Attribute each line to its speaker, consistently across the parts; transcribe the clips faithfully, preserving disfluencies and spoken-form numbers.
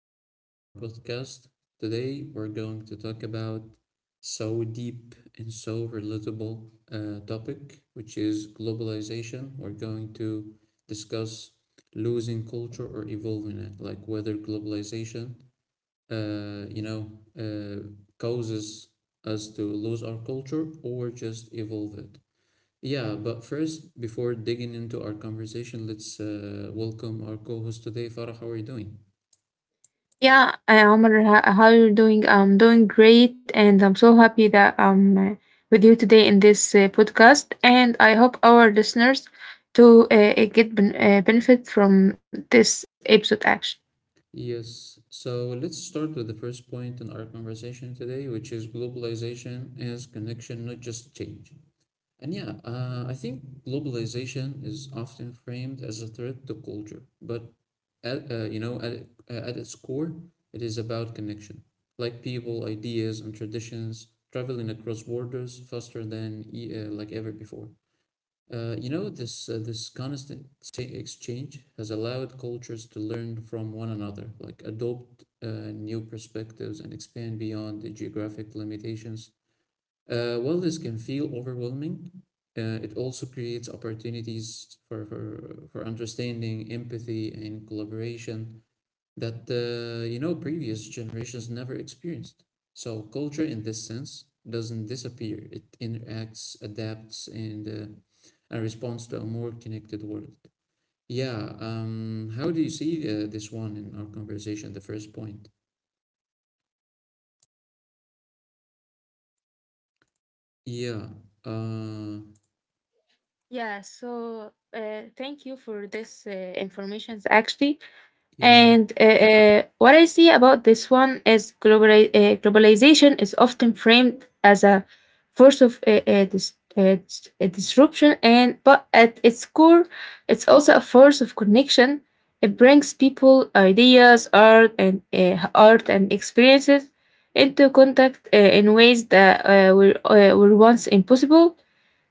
Speaker 1: episode of our podcast. Today, we're going to talk about so deep and so relatable uh, topic, which is globalization. We're going to discuss losing culture or evolving it, like whether globalization, uh, you know, uh, causes us to lose our culture or just evolve it. Yeah, but first, before digging into our conversation, let's uh, welcome our co host today, Farah. How are you doing?
Speaker 2: Yeah, uh, Omar, ho- how you're doing? I'm doing great, and I'm so happy that I'm uh, with you today in this uh, podcast. And I hope our listeners to uh, uh, get ben- uh, benefit from this episode. Actually,
Speaker 1: Yes, so let's start with the first point in our conversation today, which is globalization is connection, not just change. And yeah, uh, I think globalization is often framed as a threat to culture, but at, uh, you know, at, uh, at its core, it is about connection, like people, ideas, and traditions traveling across borders faster than e- uh, like ever before. Uh, you know, this uh, this constant ex- exchange has allowed cultures to learn from one another, like adopt uh, new perspectives and expand beyond the geographic limitations. Uh, while this can feel overwhelming, uh, it also creates opportunities for, for, for understanding, empathy, and collaboration that uh, you know previous generations never experienced. So culture in this sense doesn't disappear. It interacts, adapts, and uh, and responds to a more connected world. Yeah. Um. How do you see uh, this one in our conversation? The first point. Yeah. Uh.
Speaker 2: yeah. So uh, thank you for this uh, information. Actually,
Speaker 1: Yeah.
Speaker 2: And uh, uh, what I see about this one is globali- uh, globalization is often framed as a force of uh, uh, dis- uh, dis- uh, disruption, and but at its core, it's also a force of connection. It brings people, ideas, art, and uh, art and experiences into contact uh, in ways that uh, were uh, were once impossible.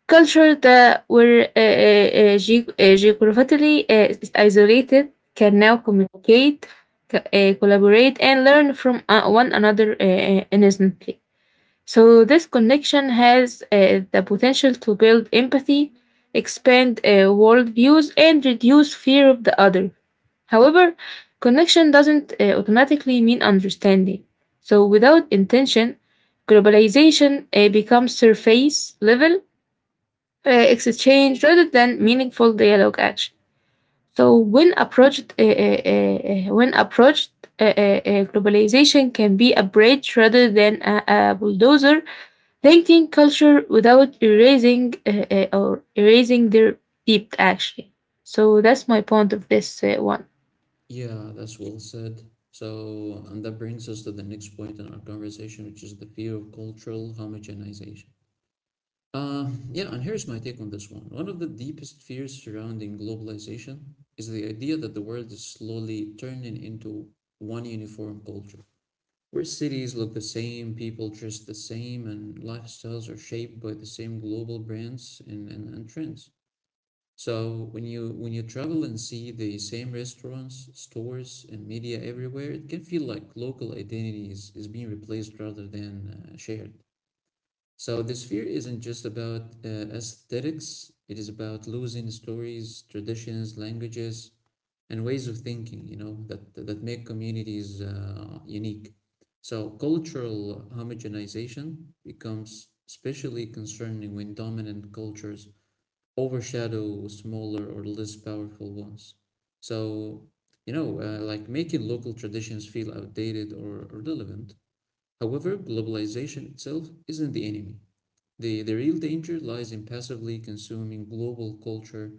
Speaker 2: Cultures that were uh, uh, uh, ge- uh, geographically uh, isolated can now communicate, co- uh, collaborate, and learn from uh, one another uh, uh, instantly. So this connection has uh, the potential to build empathy, expand uh, worldviews, and reduce fear of the other. However, connection doesn't uh, automatically mean understanding. So, without intention, globalization uh, becomes surface level uh, exchange rather than meaningful dialogue action. So when approached, uh, uh, uh, uh, when approached, uh, uh, uh, globalization can be a bridge rather than a, a bulldozer, linking culture without erasing uh, uh, or erasing their deep action. So that's my point of this uh, one.
Speaker 1: Yeah. That's well said. So, and that brings us to the next point in our conversation, which is the fear of cultural homogenization. Uh, yeah, and here's my take on this one. One of the deepest fears surrounding globalization is the idea that the world is slowly turning into one uniform culture, where cities look the same, people dress the same, and lifestyles are shaped by the same global brands and, and, and trends. So when you when you travel and see the same restaurants, stores, and media everywhere, it can feel like local identity is, is being replaced rather than uh, shared. So this fear isn't just about uh, aesthetics, it is about losing stories, traditions, languages, and ways of thinking, you know, that, that make communities uh, unique. So cultural homogenization becomes especially concerning when dominant cultures overshadow smaller or less powerful ones. So, you know, uh, like making local traditions feel outdated or irrelevant. However, globalization itself isn't the enemy. The, the real danger lies in passively consuming global culture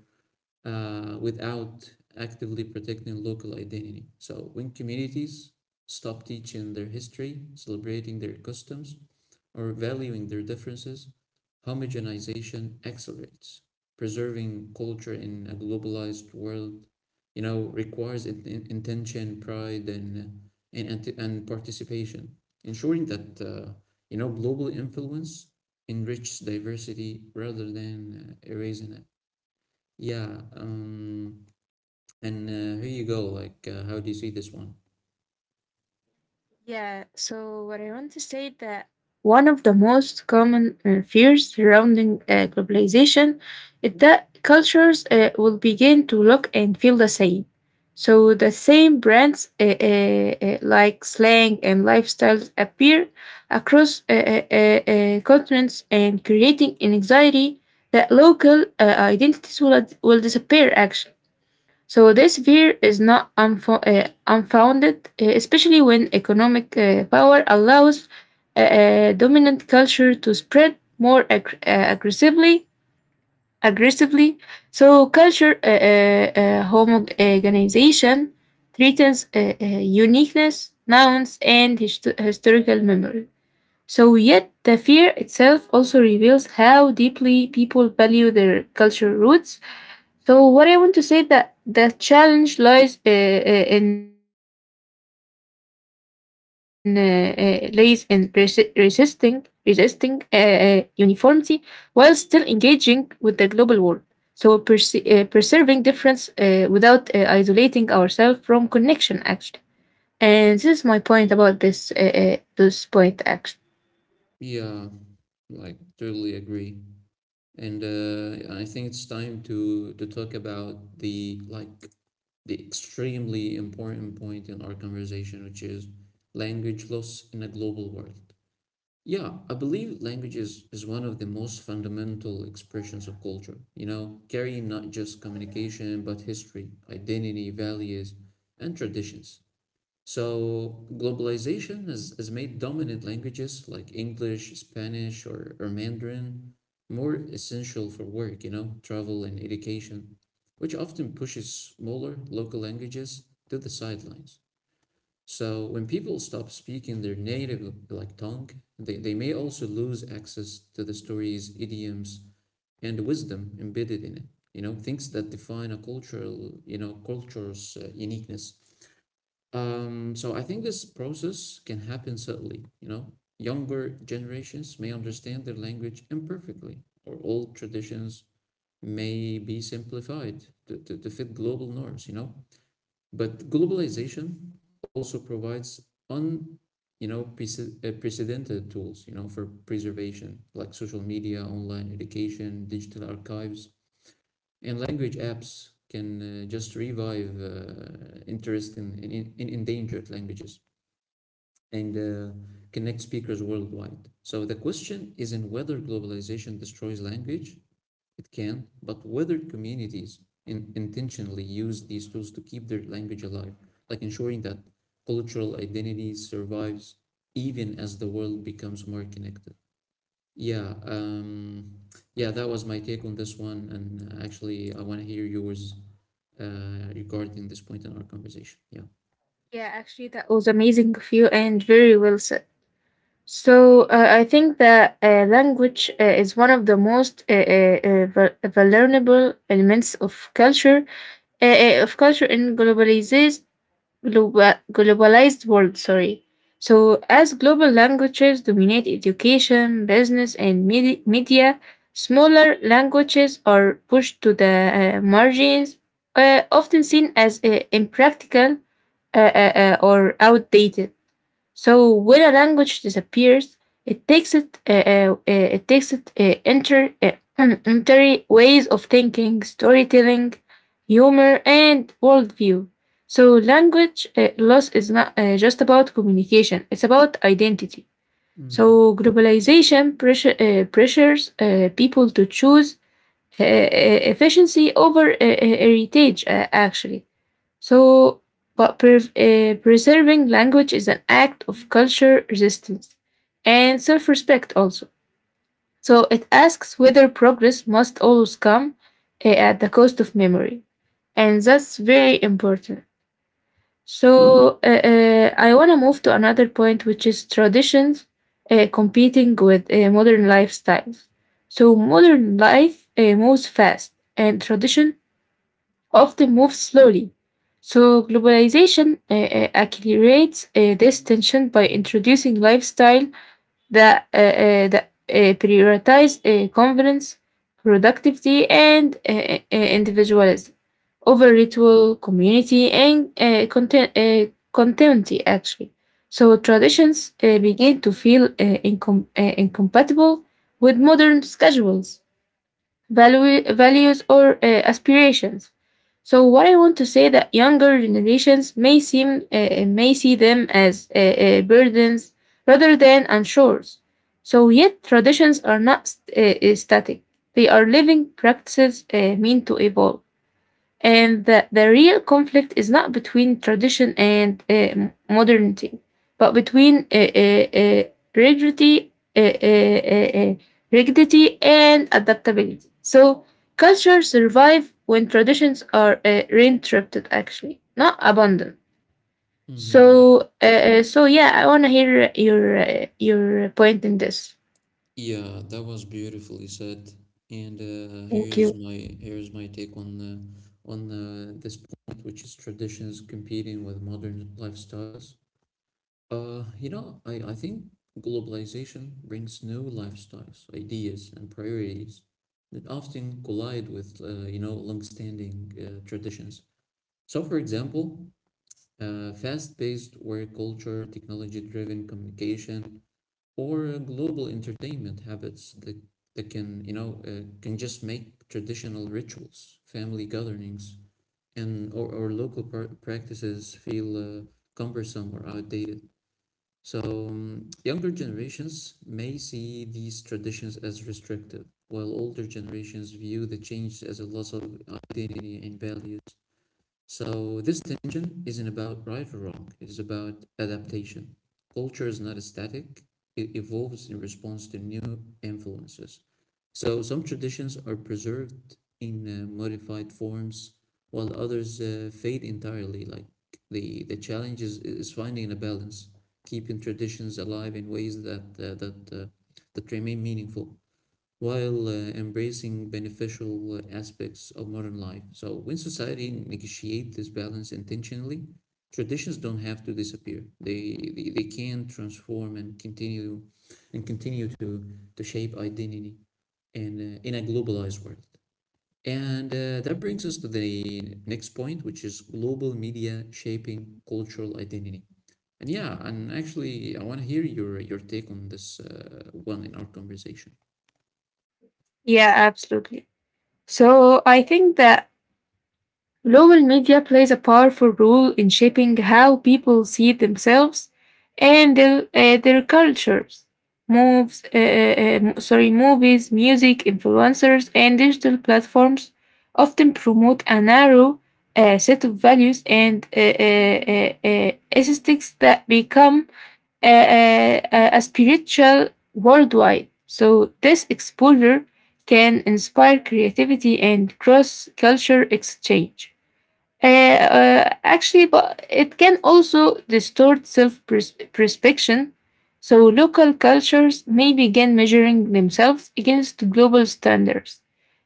Speaker 1: uh, without actively protecting local identity. So, when communities stop teaching their history, celebrating their customs, or valuing their differences, homogenization accelerates. Preserving culture in a globalized world, you know, requires intention, pride, and and and, and participation, ensuring that uh, you know global influence enriches diversity rather than uh, erasing it. Yeah. Um. And uh, here you go. Like, uh, how do you see this one?
Speaker 2: Yeah, so what I want to say that one of the most common uh, fears surrounding uh, globalization is that cultures uh, will begin to look and feel the same. So the same brands uh, uh, uh, like slang and lifestyles appear across uh, uh, uh, uh, continents, and creating an anxiety that local uh, identities will, ad- will disappear, actually. So this fear is not unfo- uh, unfounded, uh, especially when economic uh, power allows uh, uh, dominant culture to spread more ag- uh, aggressively. Aggressively, so culture uh, uh, uh, homogenization threatens uh, uh, uniqueness, nouns, and hist- historical memory. So, yet the fear itself also reveals how deeply people value their cultural roots. So what I want to say that the challenge lies uh, uh, in uh, uh, lies in resi- resisting resisting uh, uh, uniformity while still engaging with the global world. So perse- uh, preserving difference uh, without uh, isolating ourselves from connection, actually. And this is my point about this uh, uh, this point, actually.
Speaker 1: Yeah, like totally agree. And uh, I think it's time to to talk about the like the extremely important point in our conversation, which is language loss in a global world. Yeah, I believe language is, is one of the most fundamental expressions of culture, you know, carrying not just communication, but history, identity, values, and traditions. So globalization has, has made dominant languages like English, Spanish, or, or Mandarin more essential for work, you know, travel and education, which often pushes smaller local languages to the sidelines. So when people stop speaking their native like tongue, they, they may also lose access to the stories, idioms, and wisdom embedded in it, you know, things that define a cultural, you know, culture's uh, uniqueness. Um, so I think this process can happen subtly, you know. Younger generations may understand their language imperfectly, or old traditions may be simplified to, to, to fit global norms, you know. But globalization also provides un, you know, prece- uh, precedented tools, you know, for preservation, like social media, online education, digital archives, and language apps can uh, just revive uh, interest in, in, in endangered languages and uh, connect speakers worldwide. So the question isn't whether globalization destroys language, it can, but whether communities in- intentionally use these tools to keep their language alive, like ensuring that cultural identity survives even as the world becomes more connected. Yeah, um, yeah, that was my take on this one, and uh, actually, I want to hear yours uh, regarding this point in our conversation. Yeah.
Speaker 2: Yeah, actually that was amazing of you and very well said. So uh, I think that uh, language uh, is one of the most uh, uh, uh, vul- vulnerable elements of culture, uh, uh, of culture in globalized global, globalized world. Sorry. So as global languages dominate education, business, and medi- media, smaller languages are pushed to the uh, margins, uh, often seen as uh, impractical uh, uh, uh, or outdated. So when a language disappears, it takes it uh, uh, uh, it takes it uh, enter uh, entry ways of thinking, storytelling, humor, and worldview. So language uh, loss is not uh, just about communication; it's about identity.
Speaker 1: Mm-hmm.
Speaker 2: So globalization pressure, uh, pressures uh, people to choose uh, uh, efficiency over uh, uh, heritage, uh, actually. So, but pre- eh, preserving language is an act of culture resistance and self respect also. So, it asks whether progress must always come eh, at the cost of memory. And that's very important. So, eh, eh, I want to move to another point, which is traditions eh, competing with eh, modern lifestyles. So, modern life eh, moves fast, and tradition often move slowly. So, globalization uh, uh, accelerates uh, this tension by introducing lifestyle that, uh, uh, that uh, prioritize uh, convenience, productivity, and uh, uh, uh, individualism over ritual, community, and uh, content, uh, continuity, actually. So, traditions uh, begin to feel uh, incom- uh, incompatible with modern schedules, value, values, or uh, aspirations. So what I want to say that younger generations may seem uh, uh, may see them as uh, uh, burdens rather than anchors. So yet traditions are not st- uh, uh, static; they are living practices uh, meant to evolve. And the, the real conflict is not between tradition and uh, modernity, but between uh, uh, uh, rigidity, uh, uh, uh, uh, rigidity and adaptability. So cultures survive when traditions are uh, reinterrupted, actually, not abandoned.
Speaker 1: Mm-hmm.
Speaker 2: So, uh, uh, so yeah, I want to hear your uh, your point in this.
Speaker 1: Yeah, that was beautifully said. And uh,
Speaker 2: Thank
Speaker 1: here's
Speaker 2: you.
Speaker 1: my here's my take on uh, on uh, this point, which is traditions competing with modern lifestyles. Uh, you know, I, I think globalization brings new lifestyles, ideas, and priorities that often collide with uh, you know long-standing uh, traditions. So, for example, uh, fast-paced work culture, technology-driven communication, or global entertainment habits that, that can you know uh, can just make traditional rituals family gatherings and or, or local pr- practices feel uh, cumbersome or outdated so um, younger generations may see these traditions as restrictive while older generations view the change as a loss of identity and values so this tension isn't about right or wrong. It is about adaptation. Culture is not static. It evolves in response to new influences. So some traditions are preserved in uh, modified forms, while others uh, fade entirely. Like the the challenge is, is finding a balance, keeping traditions alive in ways that uh, that uh, that remain meaningful while uh, embracing beneficial uh, aspects of modern life. So when society negotiate this balance intentionally, traditions don't have to disappear. They, they, they can transform and continue and continue to, to shape identity in, uh, in a globalized world. And uh, that brings us to the next point, which is global media shaping cultural identity. And yeah, and actually, I want to hear your your take on this uh, one in our conversation.
Speaker 2: Yeah, absolutely. So I think that global media plays a powerful role in shaping how people see themselves and their, uh, their cultures. Moves, uh, uh, uh, sorry, Movies, music, influencers, and digital platforms often promote a narrow uh, set of values and uh, uh, uh, uh, aesthetics that become uh, uh, uh, a spiritual worldwide. So this exposure can inspire creativity and cross-culture exchange. Uh, uh, actually, but it can also distort self perception. So local cultures may begin measuring themselves against global standards,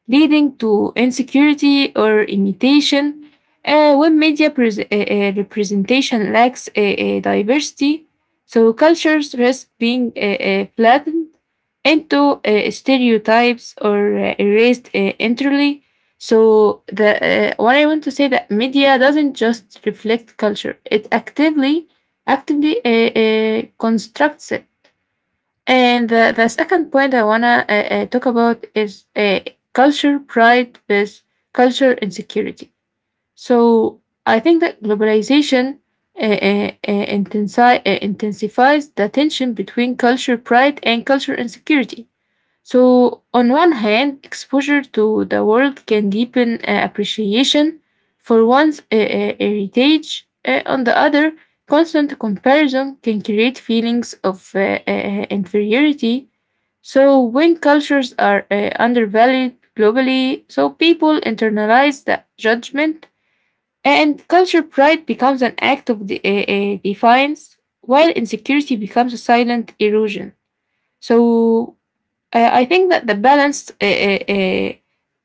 Speaker 2: leading to insecurity or imitation. Uh, when media pres- uh, uh, representation lacks uh, uh, diversity, so cultures risk being uh, uh, flattened into uh, stereotypes or uh, erased uh, entirely. So the uh, what I want to say that media doesn't just reflect culture; it actively actively uh, uh, constructs it. And the, the second point I wanna uh, uh, talk about is uh, culture pride with culture insecurity. So I think that globalization uh, uh, uh, intensi- uh, intensifies the tension between culture pride and culture insecurity. So, on one hand, exposure to the world can deepen uh, appreciation for one's uh, uh, heritage. Uh, on the other, constant comparison can create feelings of uh, uh, inferiority. So, when cultures are uh, undervalued globally, so people internalize the judgment, and culture pride becomes an act of de- uh, uh, defiance, while insecurity becomes a silent erosion. So, uh, I think that the balance uh, uh, uh,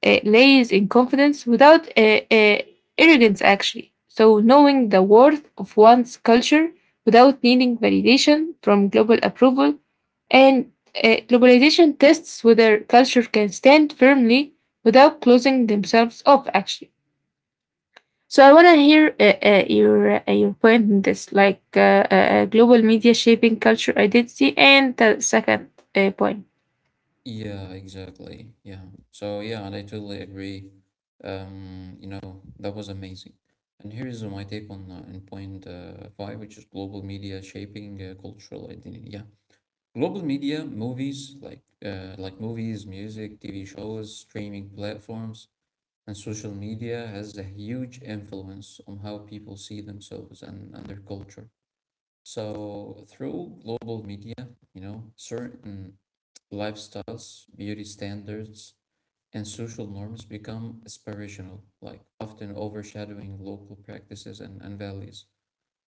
Speaker 2: uh, lays in confidence without uh, uh, arrogance, actually. So, knowing the worth of one's culture without needing validation from global approval. And uh, globalization tests whether culture can stand firmly without closing themselves off, actually. So, I want to hear uh, uh, your, uh, your point in this, like uh, uh, uh, global media shaping culture identity, and the second uh, point.
Speaker 1: Yeah, exactly. Yeah. So yeah, and I totally agree. Um, you know, that was amazing. And here is my take on uh, on point uh, five, which is global media shaping uh, cultural identity. Yeah, global media, movies like uh, like movies, music, T V shows, streaming platforms, and social media has a huge influence on how people see themselves and, and their culture. So through global media, you know, certain lifestyles, beauty standards, and social norms become aspirational, like often overshadowing local practices and, and values.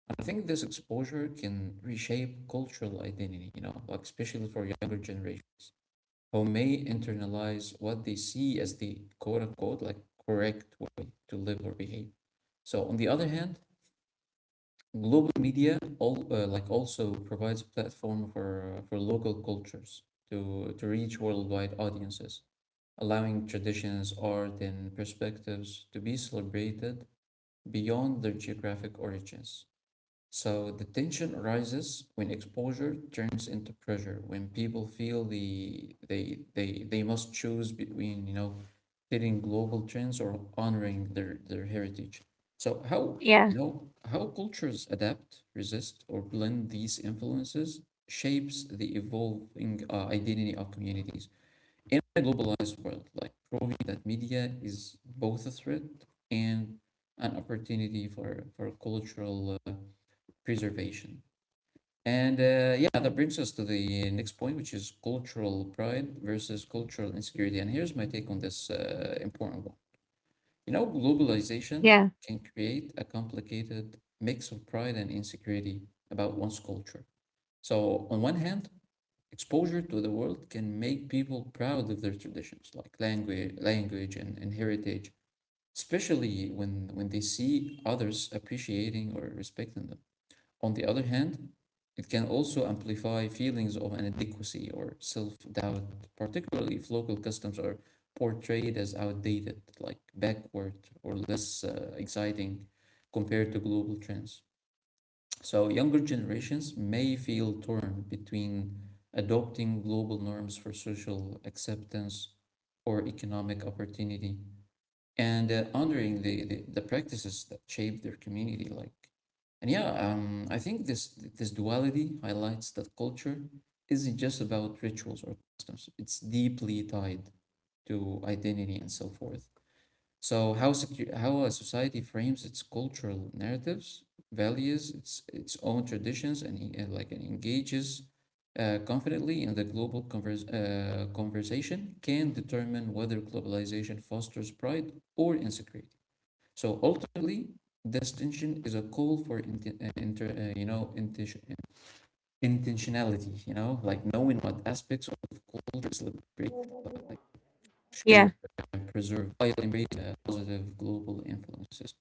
Speaker 1: And I think this exposure can reshape cultural identity, you know, like especially for younger generations who may internalize what they see as the quote unquote like correct way to live or behave. So on the other hand, global media all uh, like also provides platform for uh, for local cultures to to reach worldwide audiences, allowing traditions, art, and perspectives to be celebrated beyond their geographic origins. So the tension arises when exposure turns into pressure, when people feel the they they they must choose between, you know, fitting global trends or honoring their their heritage. So how,
Speaker 2: Yeah,
Speaker 1: you know, how cultures adapt, resist, or blend these influences shapes the evolving uh, identity of communities in a globalized world, like proving that media is both a threat and an opportunity for for cultural uh, preservation. And uh, yeah, that brings us to the next point, which is cultural pride versus cultural insecurity. And here's my take on this uh, important one. You know, globalization
Speaker 2: yeah,
Speaker 1: can create a complicated mix of pride and insecurity about one's culture. So, on one hand, exposure to the world can make people proud of their traditions, like language, language and, and heritage, especially when, when they see others appreciating or respecting them. On the other hand, it can also amplify feelings of inadequacy or self-doubt, particularly if local customs are portrayed as outdated, like backward or less uh, exciting compared to global trends. So younger generations may feel torn between adopting global norms for social acceptance or economic opportunity, and uh, honoring the, the the practices that shape their community like and yeah um I think this this duality highlights that culture isn't just about rituals or customs it's deeply tied to identity and self-worth so how secu- how a society frames its cultural narratives, values its its own traditions, and, en- and like and engages uh, confidently in the global convers- uh, conversation can determine whether globalization fosters pride or insecurity. So ultimately, this tension is a call for inten- uh, inter- uh, you know intention intentionality. You know, like knowing what aspects of culture celebrate, like share
Speaker 2: yeah.
Speaker 1: and preserve while embracing uh, positive global influences.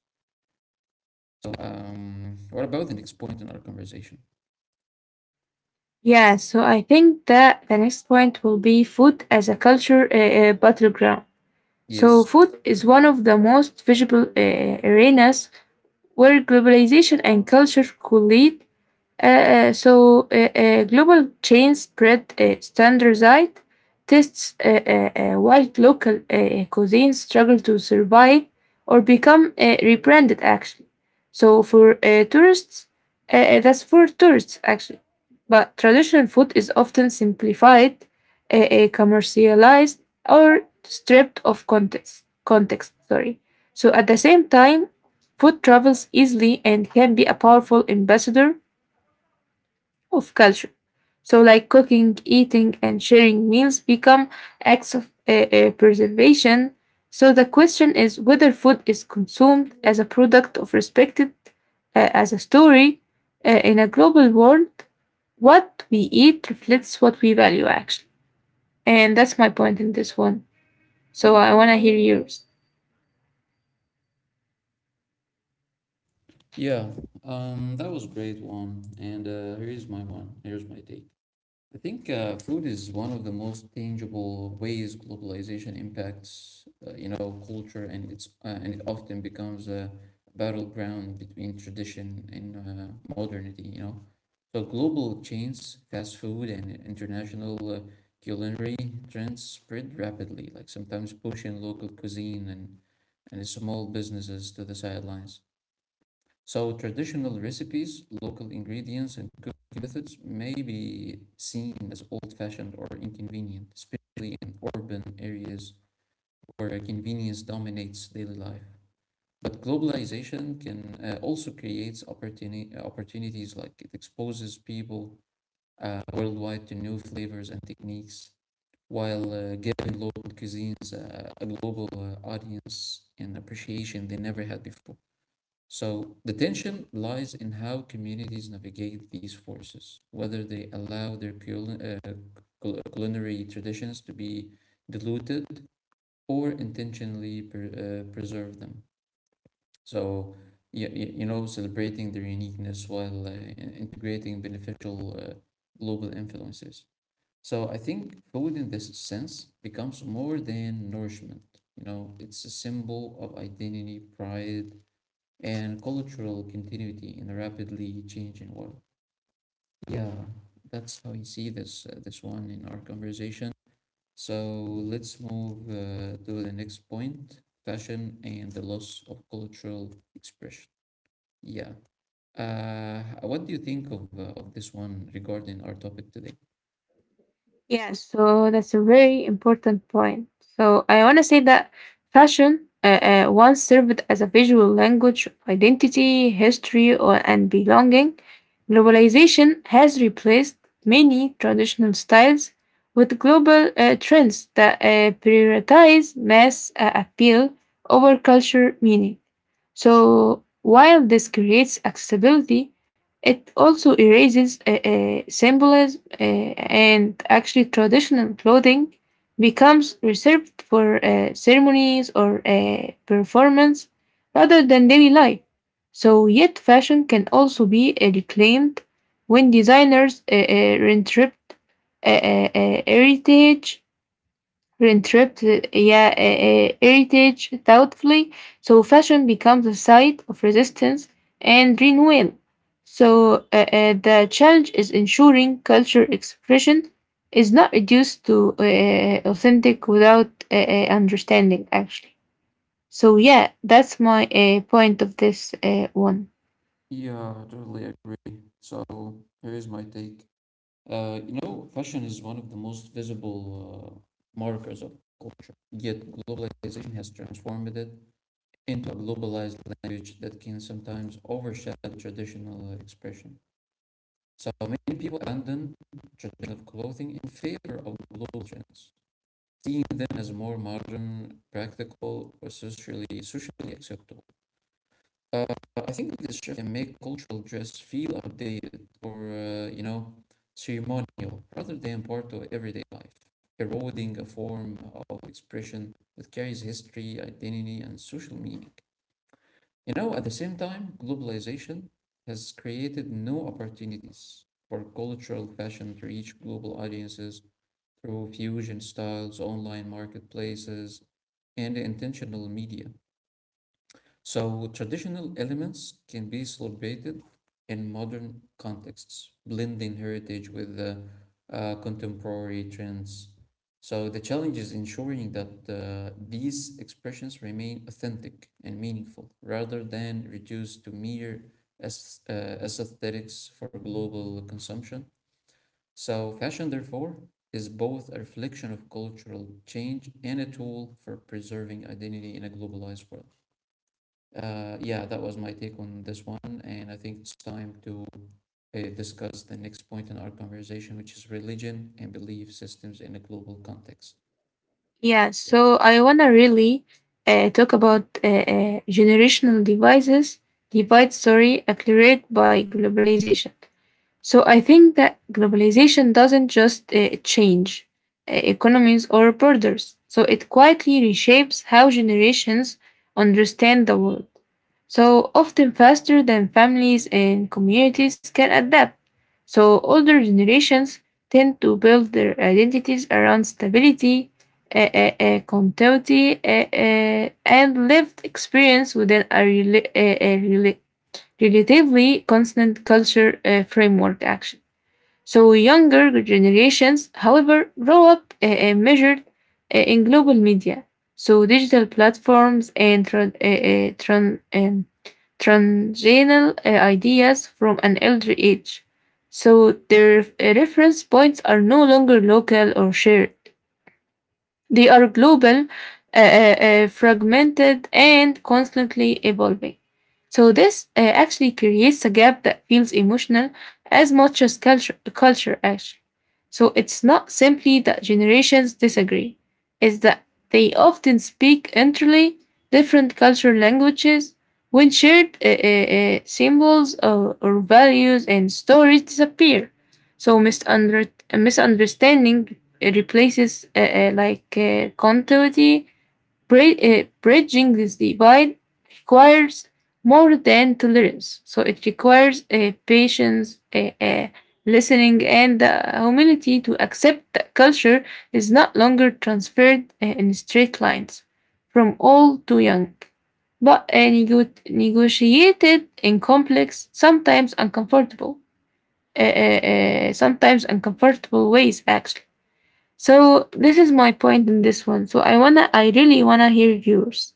Speaker 1: So, um, what about the next point in our conversation?
Speaker 2: Yeah, so I think that the next point will be food as a culture uh, uh, battleground. So,
Speaker 1: Yes.
Speaker 2: food is one of the most visible uh, arenas where globalization and culture collide, uh, uh, so uh, uh, global chain spread uh, standardized tests uh, uh, uh, while local uh, uh, cuisines struggle to survive or become uh, rebranded, actually. So for uh, tourists, uh, uh, that's for tourists, actually. But traditional food is often simplified, uh, uh, commercialized, or stripped of context context. Sorry. So at the same time, food travels easily and can be a powerful ambassador of culture. So, like cooking, eating, and sharing meals become acts of uh, uh, preservation. So, the question is whether food is consumed as a product of respected uh, as a story uh, in a global world. What we eat reflects what we value, actually. And that's my point in this one. So, I want to hear yours.
Speaker 1: Yeah, um, that was a great one. And uh, here's my one. Here's my take. I think uh, food is one of the most tangible ways globalization impacts, uh, you know, culture, and it's uh, and it often becomes a battleground between tradition and uh, modernity. You know, so global chains, fast food, and international uh, culinary trends spread rapidly, like sometimes pushing local cuisine and and small businesses to the sidelines. So traditional recipes, local ingredients, and cooking methods may be seen as old-fashioned or inconvenient, especially in urban areas where convenience dominates daily life. But globalization can uh, also creates opportuni- uh, opportunities, like it exposes people uh, worldwide to new flavors and techniques while uh, giving local cuisines uh, a global uh, audience and appreciation they never had before. So the tension lies in how communities navigate these forces, whether they allow their cul- uh, culinary traditions to be diluted or intentionally per- uh, preserve them. So, you, you know, celebrating their uniqueness while uh, integrating beneficial uh, global influences. So I think food in this sense becomes more than nourishment. You know, it's a symbol of identity, pride, and cultural continuity in a rapidly changing world. Yeah, that's how you see this uh, this one in our conversation. So let's move uh, to the next point: fashion and the loss of cultural expression. Yeah. Uh, what do you think of uh, of this one regarding our topic today?
Speaker 2: Yeah, so that's a very important point. So I want to say that fashion uh, uh, once served as a visual language of identity, history, or, and belonging. Globalization has replaced many traditional styles with global uh, trends that uh, prioritize mass uh, appeal over culture meaning. So while this creates accessibility, it also erases uh, uh, symbolism. Uh, and actually traditional clothing becomes reserved for uh, ceremonies or uh, performance rather than daily life. So, yet fashion can also be uh, reclaimed when designers uh, uh, reinterpret uh, uh, uh, heritage reinterpreted yeah, uh, uh, heritage doubtfully, so fashion becomes a site of resistance and renewal. So uh, uh, the challenge is ensuring culture expression is not reduced to uh, uh, authentic without uh, uh, understanding, actually. So yeah, that's my uh, point of this uh, one.
Speaker 1: Yeah, I totally agree. So here's my take. Uh, you know, fashion is one of the most visible uh, markers of culture, yet globalization has transformed it into a globalized language that can sometimes overshadow traditional expression. So many people abandon traditional clothing in favor of global trends, seeing them as more modern, practical, or socially socially acceptable. Uh, I think this shift can make cultural dress feel outdated or, uh, you know, ceremonial rather than part of everyday life, eroding a form of expression that carries history, identity, and social meaning. You know, at the same time, globalization has created new opportunities for cultural fashion to reach global audiences through fusion styles, online marketplaces, and intentional media. So traditional elements can be celebrated in modern contexts, blending heritage with the uh, contemporary trends. So the challenge is ensuring that uh, these expressions remain authentic and meaningful, rather than reduced to mere as, uh, aesthetics for global consumption. So fashion, therefore, is both a reflection of cultural change and a tool for preserving identity in a globalized world. Uh, yeah, that was my take on this one, and I think it's time to uh, discuss the next point in our conversation, which is religion and belief systems in a global context.
Speaker 2: Yeah, so I wanna really uh, talk about uh, uh, generational devices, divides, sorry, accelerated by globalization. So I think that globalization doesn't just uh, change uh, economies or borders. So it quietly reshapes how generations understand the world, so often faster than families and communities can adapt. So older generations tend to build their identities around stability, uh, uh, uh, continuity, uh, uh, and lived experience within a, rela- uh, a rela- relatively constant culture uh, framework action. So younger generations, however, grow up uh, uh, measured uh, in global media. So digital platforms and tra- uh, uh, tran- um, transgenal uh, ideas from an elder age. So their uh, reference points are no longer local or shared. They are global, uh, uh, uh, fragmented, and constantly evolving. So, this uh, actually creates a gap that feels emotional as much as culture, culture, actually. So, it's not simply that generations disagree, it's that they often speak entirely different cultural languages when shared uh, uh, uh, symbols or, or values and stories disappear. So, misunder- misunderstanding it replaces uh, uh, like uh, continuity. Bri- uh, bridging this divide requires more than tolerance. So it requires uh, patience, uh, uh, listening, and uh, humility to accept that culture is not longer transferred uh, in straight lines from old to young, but uh, nego- negotiated in complex, sometimes uncomfortable, uh, uh, uh, sometimes uncomfortable ways, actually. So this is my point in this one. So I wanna, I really wanna hear yours.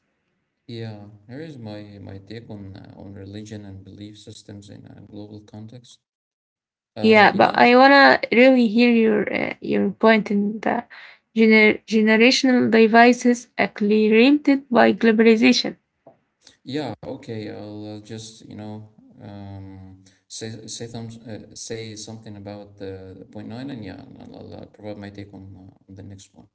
Speaker 1: Yeah, here is my my take on uh, on religion and belief systems in a global context. Uh,
Speaker 2: Yeah,
Speaker 1: you
Speaker 2: but
Speaker 1: know,
Speaker 2: I wanna really hear your uh, your point in the gener- generational devices accelerated by globalization.
Speaker 1: yeah, okay, I'll uh, just, you know, um, say say some uh, say something about the point nine, and yeah, and I'll, I'll uh, provide my take on uh, on the next one.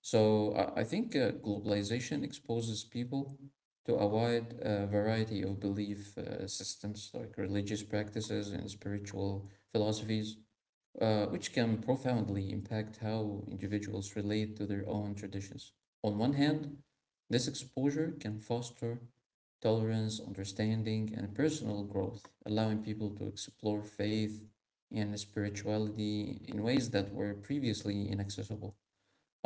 Speaker 1: So I I think uh, globalization exposes people to a wide uh, variety of belief uh, systems, like religious practices and spiritual philosophies, uh, which can profoundly impact how individuals relate to their own traditions. On one hand, this exposure can foster tolerance, understanding, and personal growth, allowing people to explore faith and spirituality in ways that were previously inaccessible.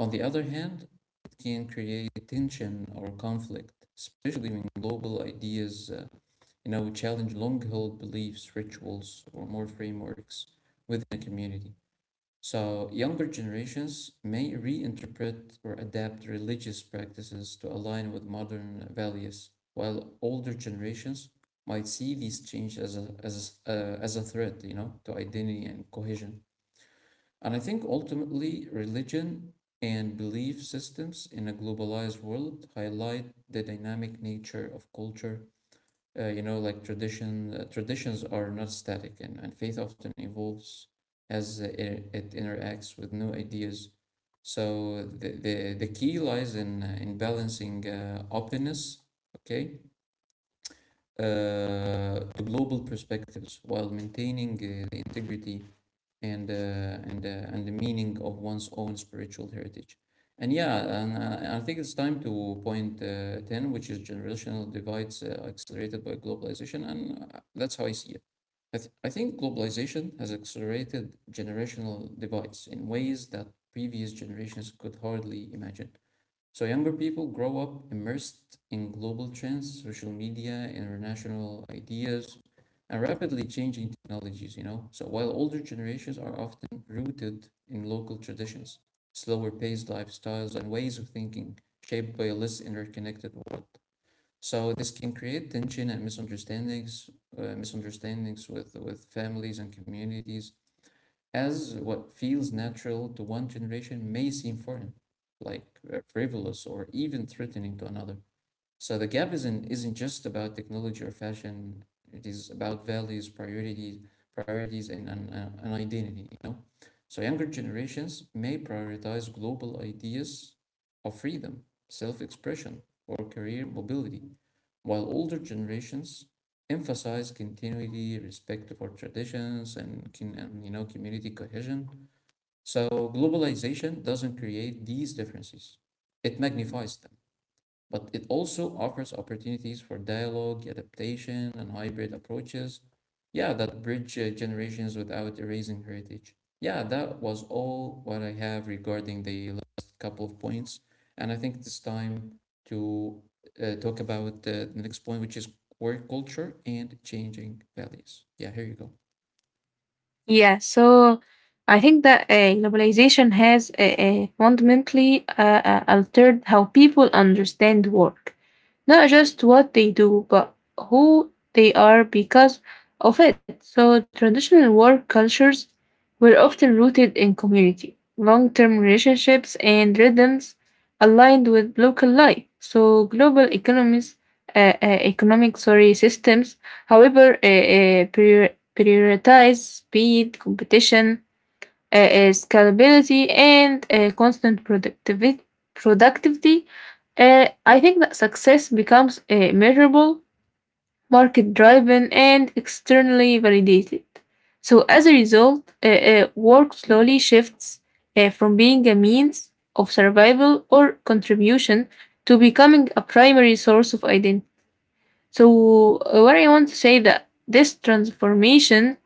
Speaker 1: On the other hand, it can create tension or conflict, especially when global ideas, uh, you know, challenge long-held beliefs, rituals, or more frameworks within a community. So younger generations may reinterpret or adapt religious practices to align with modern values, while older generations might see these changes as a, as a, uh, as a threat, you know, to identity and cohesion. And I think ultimately, religion and belief systems in a globalized world highlight the dynamic nature of culture. Uh, you know, like tradition, uh, traditions are not static, and, and faith often evolves as uh, it, it interacts with new ideas. So the, the, the key lies in, uh, in balancing uh, openness, okay, uh, to global perspectives while maintaining uh, the integrity and uh, and uh, and the meaning of one's own spiritual heritage. And yeah, and uh, I think it's time to point uh, ten, which is generational divides uh, accelerated by globalization. And uh, that's how I see it. I, th- I think globalization has accelerated generational divides in ways that previous generations could hardly imagine. So younger people grow up immersed in global trends, social media, international ideas, and rapidly changing technologies, you know. So while older generations are often rooted in local traditions, slower paced lifestyles and ways of thinking shaped by a less interconnected world. So this can create tension and misunderstandings, uh, misunderstandings with, with families and communities, as what feels natural to one generation may seem foreign, like uh, frivolous or even threatening to another. So the gap isn't isn't just about technology or fashion. It is about values, priorities, priorities, and an, uh, an identity. You know, so younger generations may prioritize global ideas of freedom, self-expression, or career mobility while older generations emphasize continuity, respect for traditions, and, con- and you know community cohesion. So globalization doesn't create these differences; it magnifies them, but it also offers opportunities for dialogue, adaptation, and hybrid approaches. Yeah, that bridge uh, generations without erasing heritage. Yeah, that was all what I have regarding the last couple of points. And I think it's time to uh, talk about the next point, which is work culture and changing values. Yeah, here you go.
Speaker 2: Yeah, so I think that uh, globalization has uh, uh, fundamentally uh, uh, altered how people understand work, not just what they do, but who they are because of it. So, traditional work cultures were often rooted in community, long term relationships, and rhythms aligned with local life. So, global economies, uh, uh, economic sorry, systems, however, uh, uh, prior- prioritize speed, competition, uh, uh, scalability, and uh, constant productivi- productivity. uh, I think that success becomes uh, measurable, market driven, and externally validated. So, as a result, uh, uh, work slowly shifts uh, from being a means of survival or contribution to becoming a primary source of identity. So, uh, what I want to say that this transformation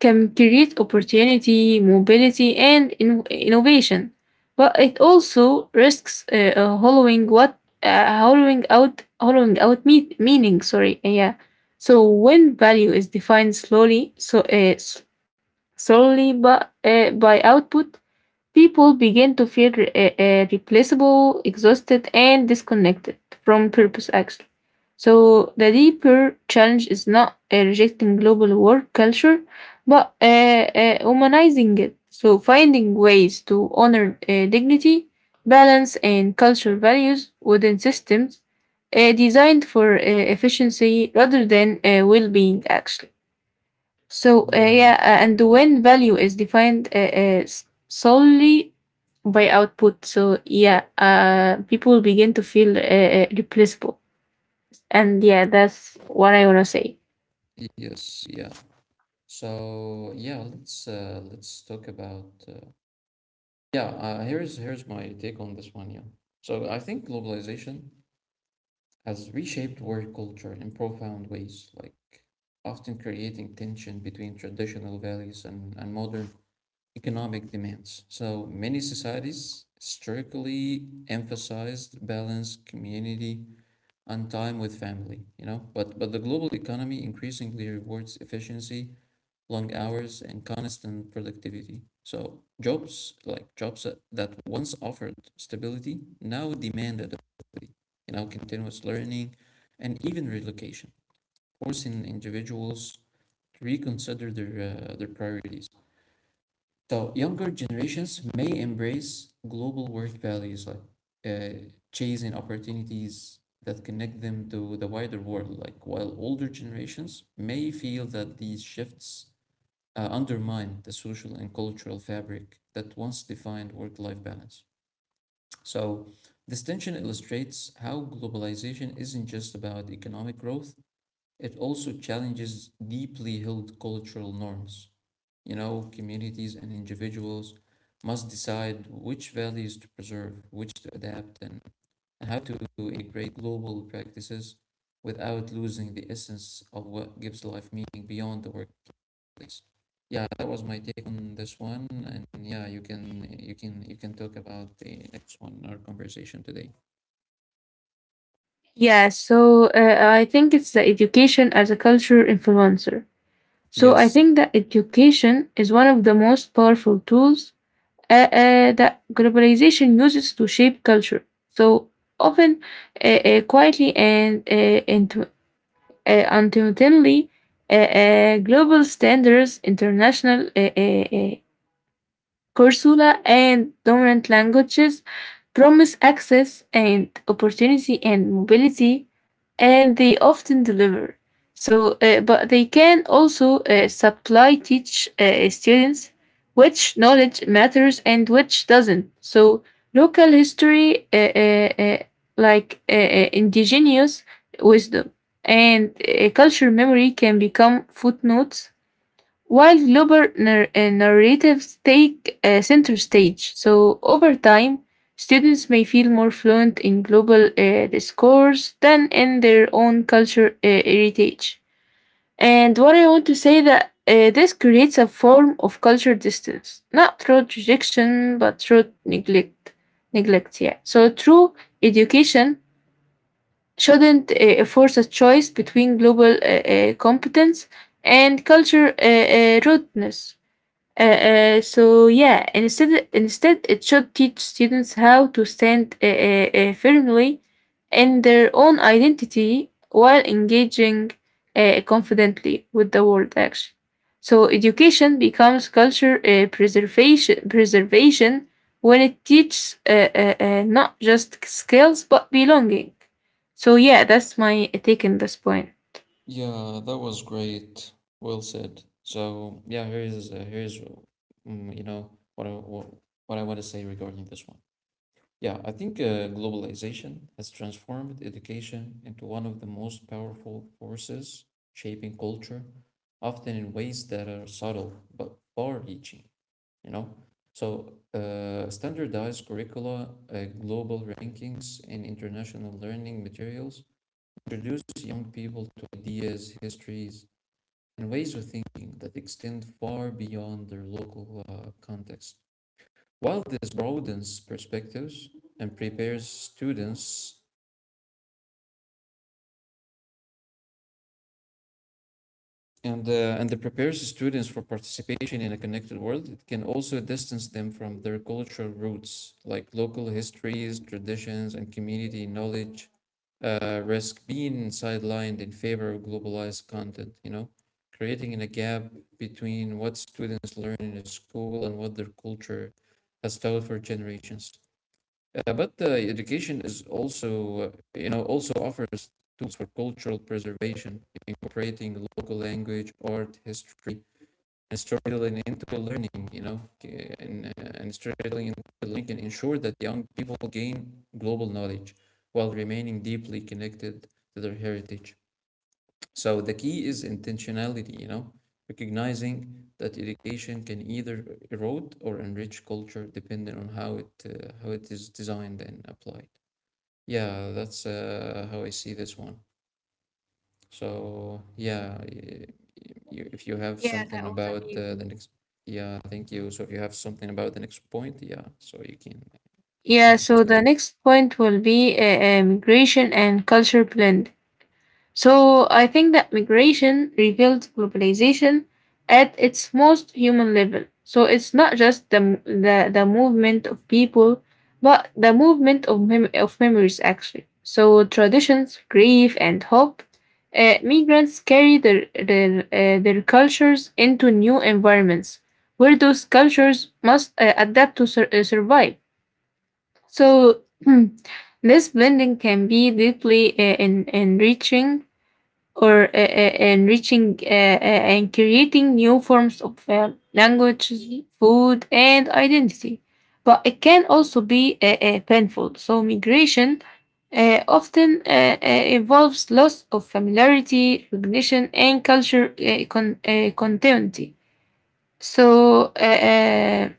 Speaker 2: can create opportunity, mobility, and in- innovation, but it also risks uh, uh, hollowing what uh, hollowing out hollowing out me- meaning. Sorry, uh, yeah. So when value is defined slowly, so uh, s- solely but uh, by output, people begin to feel re- uh, uh, replaceable, exhausted, and disconnected from purpose, actually. So, the deeper challenge is not uh, rejecting global work culture, but uh, uh, humanizing it. So, finding ways to honor uh, dignity, balance, and cultural values within systems uh, designed for uh, efficiency rather than uh, well being, actually. So, uh,
Speaker 1: Yeah.
Speaker 2: yeah, uh, and when value is defined uh, uh, s- solely by output, so yeah, uh, people begin to feel uh, uh, replaceable. And yeah, that's what I want to say.
Speaker 1: Yes, yeah. So yeah, let's uh, let's talk about uh, Yeah, uh, here's here's my take on this one. Yeah, so I think globalization has reshaped work culture in profound ways, like often creating tension between traditional values and, and modern economic demands. So many societies historically emphasized balance, community, and time with family, you know, but but the global economy increasingly rewards efficiency, long hours, and constant productivity. So jobs like jobs that once offered stability now demand adaptability, you know, continuous learning, and even relocation, forcing individuals to reconsider their uh, their priorities. So younger generations may embrace global work values, like uh, chasing opportunities that connect them to the wider world, like while older generations may feel that these shifts uh, undermine the social and cultural fabric that once defined work life balance. So this tension illustrates how globalization isn't just about economic growth, it also challenges deeply held cultural norms. You know, communities and individuals must decide which values to preserve, which to adapt, and, and how to integrate global practices without losing the essence of what gives life meaning beyond the work please. Yeah, that was my take on this one, and yeah, you can you can you can talk about the next one in our conversation today.
Speaker 2: Yeah, so uh, I think it's the education as a culture influencer. So I
Speaker 1: Yes,
Speaker 2: think that education is one of the most powerful tools uh, uh, that globalization uses to shape culture. So often, uh, uh, quietly and uh, intu- uh, unintentionally, uh, uh, global standards, international uh, uh, uh, Kursula and dominant languages promise access and opportunity and mobility, and they often deliver. So, uh, but they can also uh, supply teach uh, students which knowledge matters and which doesn't. So, local history, uh, uh, uh, like uh, uh, indigenous wisdom and uh, culture memory, can become footnotes while global nar- uh, narratives take uh, center stage. So, over time, students may feel more fluent in global uh, discourse than in their own culture uh, heritage. And what I want to say that uh, this creates a form of culture distance, not through rejection, but through neglect. Neglect, yeah. So, true education shouldn't uh, force a choice between global uh, uh, competence and culture uh, uh, rootness. Uh, uh, so yeah, instead instead it should teach students how to stand uh, uh, uh, firmly in their own identity while engaging uh, confidently with the world actually. So education becomes culture uh, preservation preservation when it teaches uh, uh, uh, not just skills but belonging. So yeah, that's my take on this point.
Speaker 1: yeah, that was great. Well said. So yeah, here's uh, here's um, you know what I what, what I want to say regarding this one. Yeah, I think uh, globalization has transformed education into one of the most powerful forces shaping culture, often in ways that are subtle but far-reaching. You know? So, uh, standardized curricula, uh, global rankings, and international learning materials introduce young people to ideas, histories, and ways of thinking that extend far beyond their local uh, context. While this broadens perspectives and prepares students and uh, and it prepares students for participation in a connected world. It can also distance them from their cultural roots, like local histories, traditions, and community knowledge. Uh, risk being sidelined in favor of globalized content. You know, creating a gap between what students learn in a school and what their culture has taught for generations. Yeah, but uh, education is also, uh, you know, also offers tools for cultural preservation, incorporating local language, art, history, and storytelling into learning, you know, and, uh, and storytelling into learning can ensure that young people gain global knowledge while remaining deeply connected to their heritage. So the key is intentionality, you know, recognizing that education can either erode or enrich culture depending on how it uh, how it is designed and applied. Yeah, that's uh, how I see this one. So yeah, y- y- you, if you have
Speaker 2: Yeah,
Speaker 1: something
Speaker 2: that was
Speaker 1: about uh, the
Speaker 2: amazing.
Speaker 1: next, yeah, thank you. So if you have something about the next point, yeah, so you can we
Speaker 2: Yeah,
Speaker 1: can
Speaker 2: so
Speaker 1: discuss.
Speaker 2: the next point will be uh, uh, migration and culture blend. So I think that migration reveals globalization at its most human level. So it's not just the m- the, the movement of people, but the movement of mem- of memories actually. So traditions, grief, and hope. Uh, migrants carry their their, uh, their cultures into new environments, where those cultures must uh, adapt to sur- uh, survive. So this blending can be deeply uh, en- enriching or uh, uh, enriching uh, uh, and creating new forms of uh, language, food, and identity. But it can also be uh, uh, painful. So migration uh, often uh, uh, involves loss of familiarity, recognition, and culture uh, con- uh, continuity. So. Uh, uh,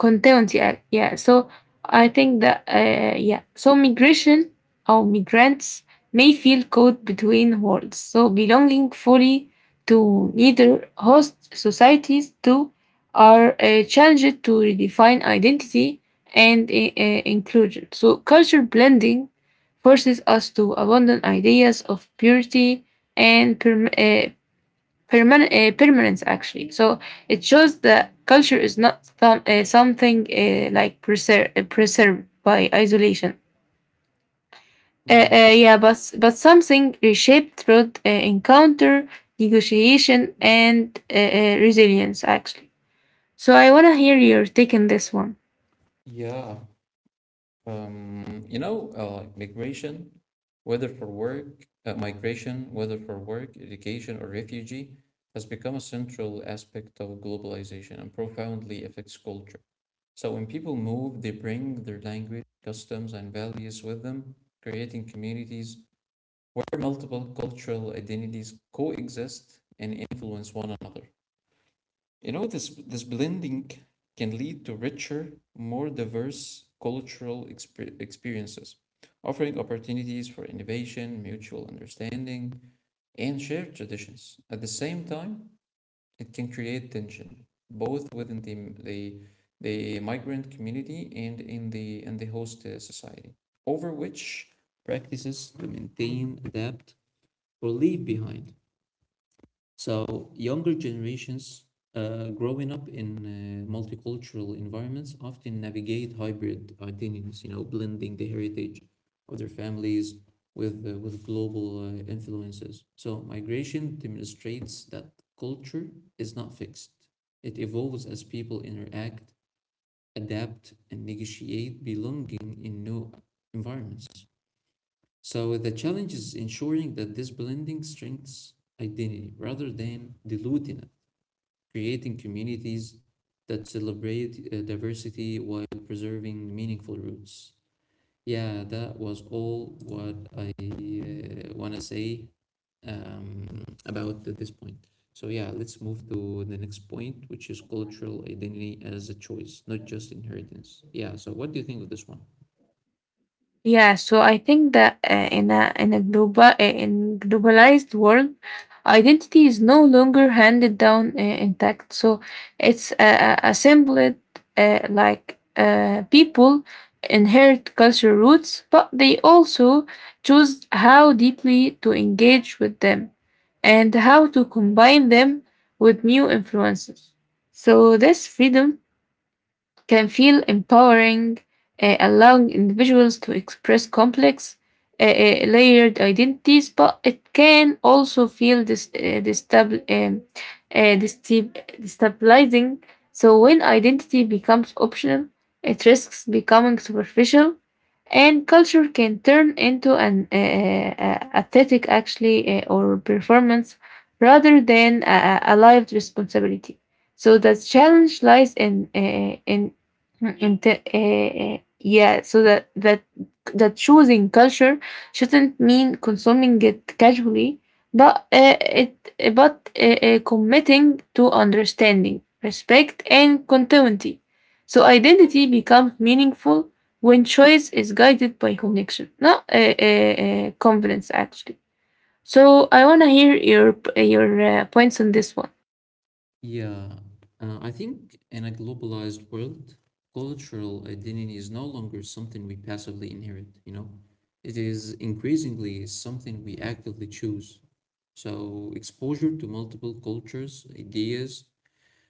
Speaker 2: content yeah, yeah, so I think that uh, yeah, so migration or migrants may feel caught between worlds, so belonging fully to neither host societies too, are uh, challenged to redefine identity and uh, uh, inclusion. So culture blending forces us to abandon ideas of purity and perm- uh, Permanent, uh, permanence actually. So it shows that culture is not some, uh, something uh, like preser- uh, preserved by isolation, Uh, uh,
Speaker 1: Mhm.
Speaker 2: yeah, but but something reshaped through uh, encounter, negotiation, and uh, uh, resilience actually. So I wanna hear your take on this one.
Speaker 1: Yeah, um, you know, uh, like migration, whether for work, uh, migration, whether for work, education, or refugee, has become a central aspect of globalization and profoundly affects culture. So when people move, they bring their language, customs, and values with them, creating communities where multiple cultural identities coexist and influence one another. You know, this this blending can lead to richer, more diverse cultural exper- experiences, offering opportunities for innovation, mutual understanding, and shared traditions. At the same time, it can create tension both within the the, the migrant community and in the and the host uh, society, over which practices to maintain, adapt, or leave behind, so younger generations uh, growing up in uh, multicultural environments often navigate hybrid identities, you know, blending the heritage of their families with uh, with global uh, influences. So migration demonstrates that culture is not fixed. It evolves as people interact, adapt, and negotiate belonging in new environments. So the challenge is ensuring that this blending strengthens identity rather than diluting it, creating communities that celebrate uh, diversity while preserving meaningful roots. Yeah, that was all what I uh, want to say um, about this point. So, yeah, let's move to the next point, which is cultural identity as a choice, not just inheritance. Yeah, so what do you think of this one?
Speaker 2: Yeah, so I think that uh, in a in a global uh, in globalized world, identity is no longer handed down uh, intact. So it's uh, uh, assembled. Uh, like uh, people inherit cultural roots, but they also choose how deeply to engage with them and how to combine them with new influences. So this freedom can feel empowering, uh, allowing individuals to express complex, uh, uh, layered identities, but it can also feel dis- uh, destabil- um, uh, desti- destabilizing. So, when identity becomes optional, it risks becoming superficial, and culture can turn into an uh, uh, uh, aesthetic, actually, uh, or performance rather than a, a a lived responsibility. So the challenge lies in uh, in and the, uh, yeah so that that that choosing culture shouldn't mean consuming it casually, but uh, it eh, but uh, uh, committing to understanding, respect, and continuity. So identity becomes meaningful when choice is guided by connection, not uh, uh, uh, confidence actually. So I want to hear your eh, your uh, points on this one.
Speaker 1: Yeah, uh, I think in a globalized world, cultural identity is no longer something we passively inherit, you know? It is increasingly something we actively choose. So, exposure to multiple cultures, ideas,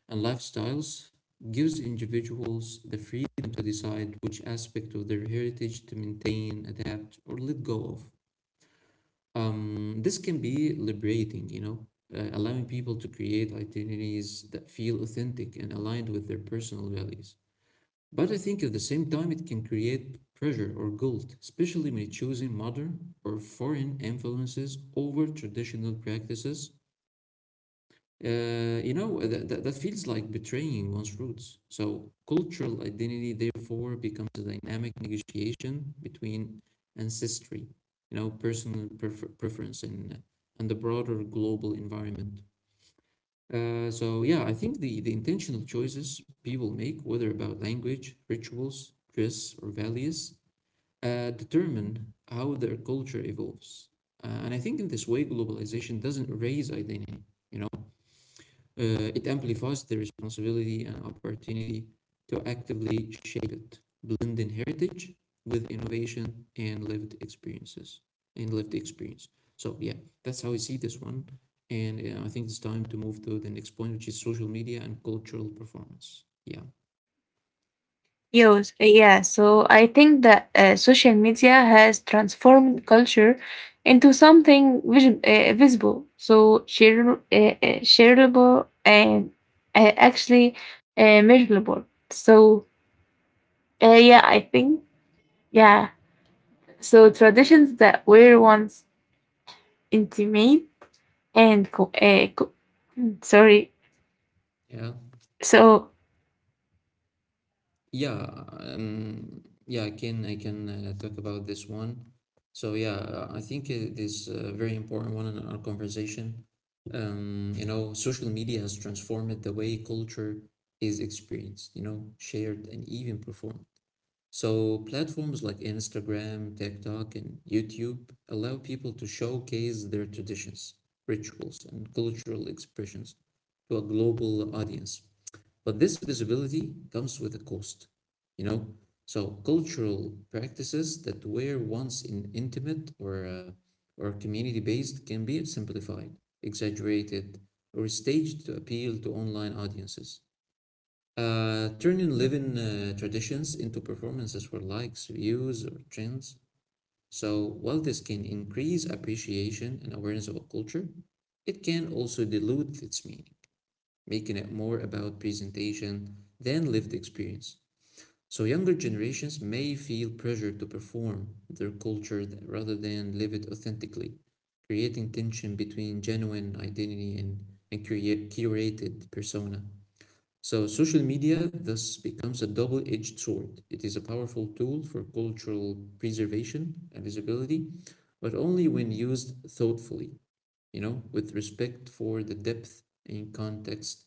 Speaker 1: and lifestyles gives individuals the freedom to decide which aspect of their heritage to maintain, adapt, or let go of. Um, this can be liberating, you know, uh, allowing people to create identities that feel authentic and aligned with their personal values. But I think at the same time, it can create pressure or guilt, especially when choosing modern or foreign influences over traditional practices uh, you know, that, that, that feels like betraying one's roots. So, cultural identity therefore becomes a dynamic negotiation between ancestry, you know, personal prefer- preference, and and the broader global environment. Uh, so, yeah, I think the the intentional choices people make, whether about language, rituals, dress, or values, uh, determine how their culture evolves. Uh, and I think in this way, globalization doesn't erase identity. You know, uh, it amplifies the responsibility and opportunity to actively shape it, blending heritage with innovation and lived experiences and lived experience. So yeah, that's how I see this one. And uh, I think it's time to move to the next point, which is social media and cultural performance. Yeah,
Speaker 2: Yes, uh, yeah, so I think that uh, social media has transformed culture into something vis- uh, visible, so share- uh, uh, shareable and uh, actually uh, measurable. So, uh, yeah, I think, yeah, so traditions that were once intimate and co- uh, co- mm, sorry,
Speaker 1: yeah.
Speaker 2: so
Speaker 1: Yeah, um, yeah, I can I can uh, talk about this one. So yeah, uh, I think it is a very important one in our conversation. Um, you know, social media has transformed the way culture is experienced, you know, shared and even performed. So platforms like Instagram, TikTok, and YouTube allow people to showcase their traditions, rituals, and cultural expressions to a global audience. But this visibility comes with a cost, you know? So cultural practices that were once in intimate or uh, or community-based can be simplified, exaggerated, or staged to appeal to online audiences. Uh, turning living uh, traditions into performances for likes, views, or trends. So while this can increase appreciation and awareness of a culture, it can also dilute its meaning, making it more about presentation than lived experience. So younger generations may feel pressured to perform their culture th- rather than live it authentically, creating tension between genuine identity and, and create, curated persona. So social media thus becomes a double-edged sword. It is a powerful tool for cultural preservation and visibility, but only when used thoughtfully, you know, with respect for the depth and context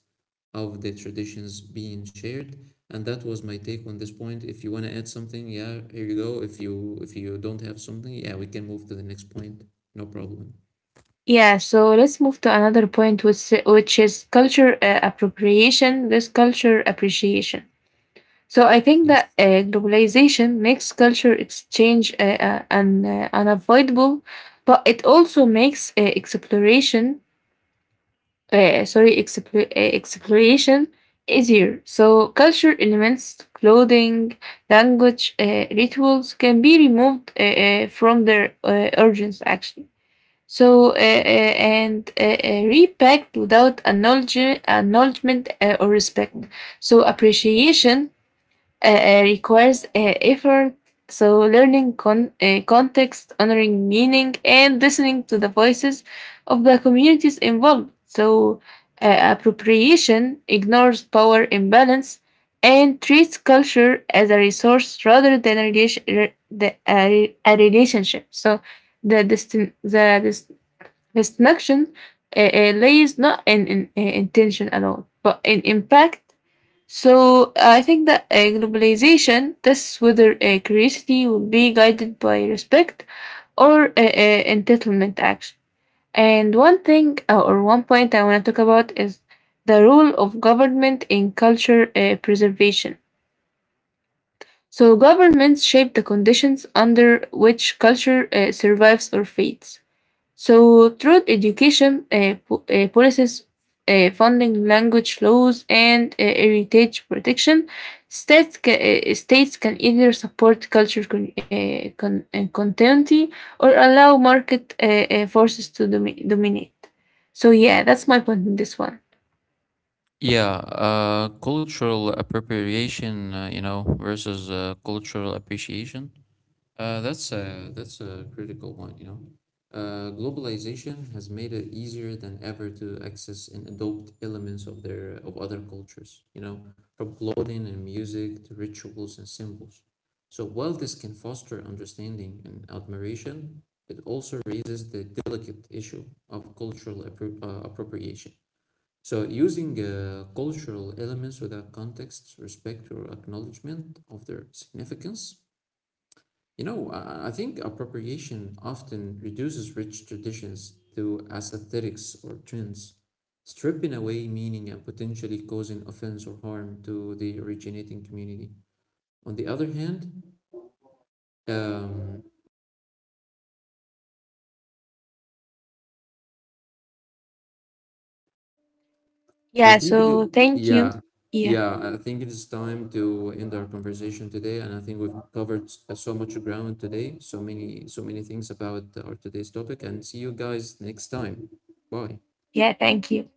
Speaker 1: of the traditions being shared. And that was my take on this point. If you want to add something, yeah, here you go. If you if you don't have something, yeah, we can move to the next point. No problem.
Speaker 2: yeah, so let's move to another point, which, which is culture uh, appropriation with culture appreciation. So I think
Speaker 1: Yes.
Speaker 2: that uh, globalization makes culture exchange uh, uh, un, uh, unavoidable, but it also makes uh, exploration, uh, sorry, expl- uh, exploration easier. So culture elements, clothing, language, uh, rituals can be removed uh, uh, from their uh, origins actually. So uh, uh, and uh, uh, repacked without acknowledge- acknowledgement uh, or respect. So appreciation uh, uh, requires uh, effort. So, learning con- uh, context, honoring meaning, and listening to the voices of the communities involved. So, uh, appropriation ignores power imbalance and treats culture as a resource rather than a, relation- re- the, a, a relationship. So, the, destin- the dis- distinction uh, uh, lays not in, in uh, intention at all, but in impact. So I think that uh, globalization tests whether uh, curiosity will be guided by respect or uh, uh, entitlement action. And one thing uh, or one point I want to talk about is the role of government in culture uh, preservation. So governments shape the conditions under which culture uh, survives or fades. So, through education uh, po- uh, policies, uh, funding, language laws, and uh, heritage protection, states, ca- uh, states can either support culture con- uh, con- uh, continuity or allow market uh, uh, forces to domi- dominate. So, yeah, that's my point in this one.
Speaker 1: Yeah, uh, cultural appropriation, uh, you know, versus uh, cultural appreciation. Uh, that's a that's a critical one, you know. Uh, globalization has made it easier than ever to access and adopt elements of their of other cultures, you know, from clothing and music to rituals and symbols. So while this can foster understanding and admiration, it also raises the delicate issue of cultural appro- uh, appropriation. So using uh, cultural elements without context, respect, or acknowledgement of their significance, you know, I I think appropriation often reduces rich traditions to aesthetics or trends, stripping away meaning and potentially causing offense or harm to the originating community. On the other hand, um, I
Speaker 2: Yeah,
Speaker 1: think it,
Speaker 2: so thank you.
Speaker 1: yeah,
Speaker 2: Yeah,
Speaker 1: yeah, I think it is time to end our conversation today, and I think we've covered s- uh, so much ground today, so many, so many things about our today's topic, and see you guys next time. Bye.
Speaker 2: yeah, thank you.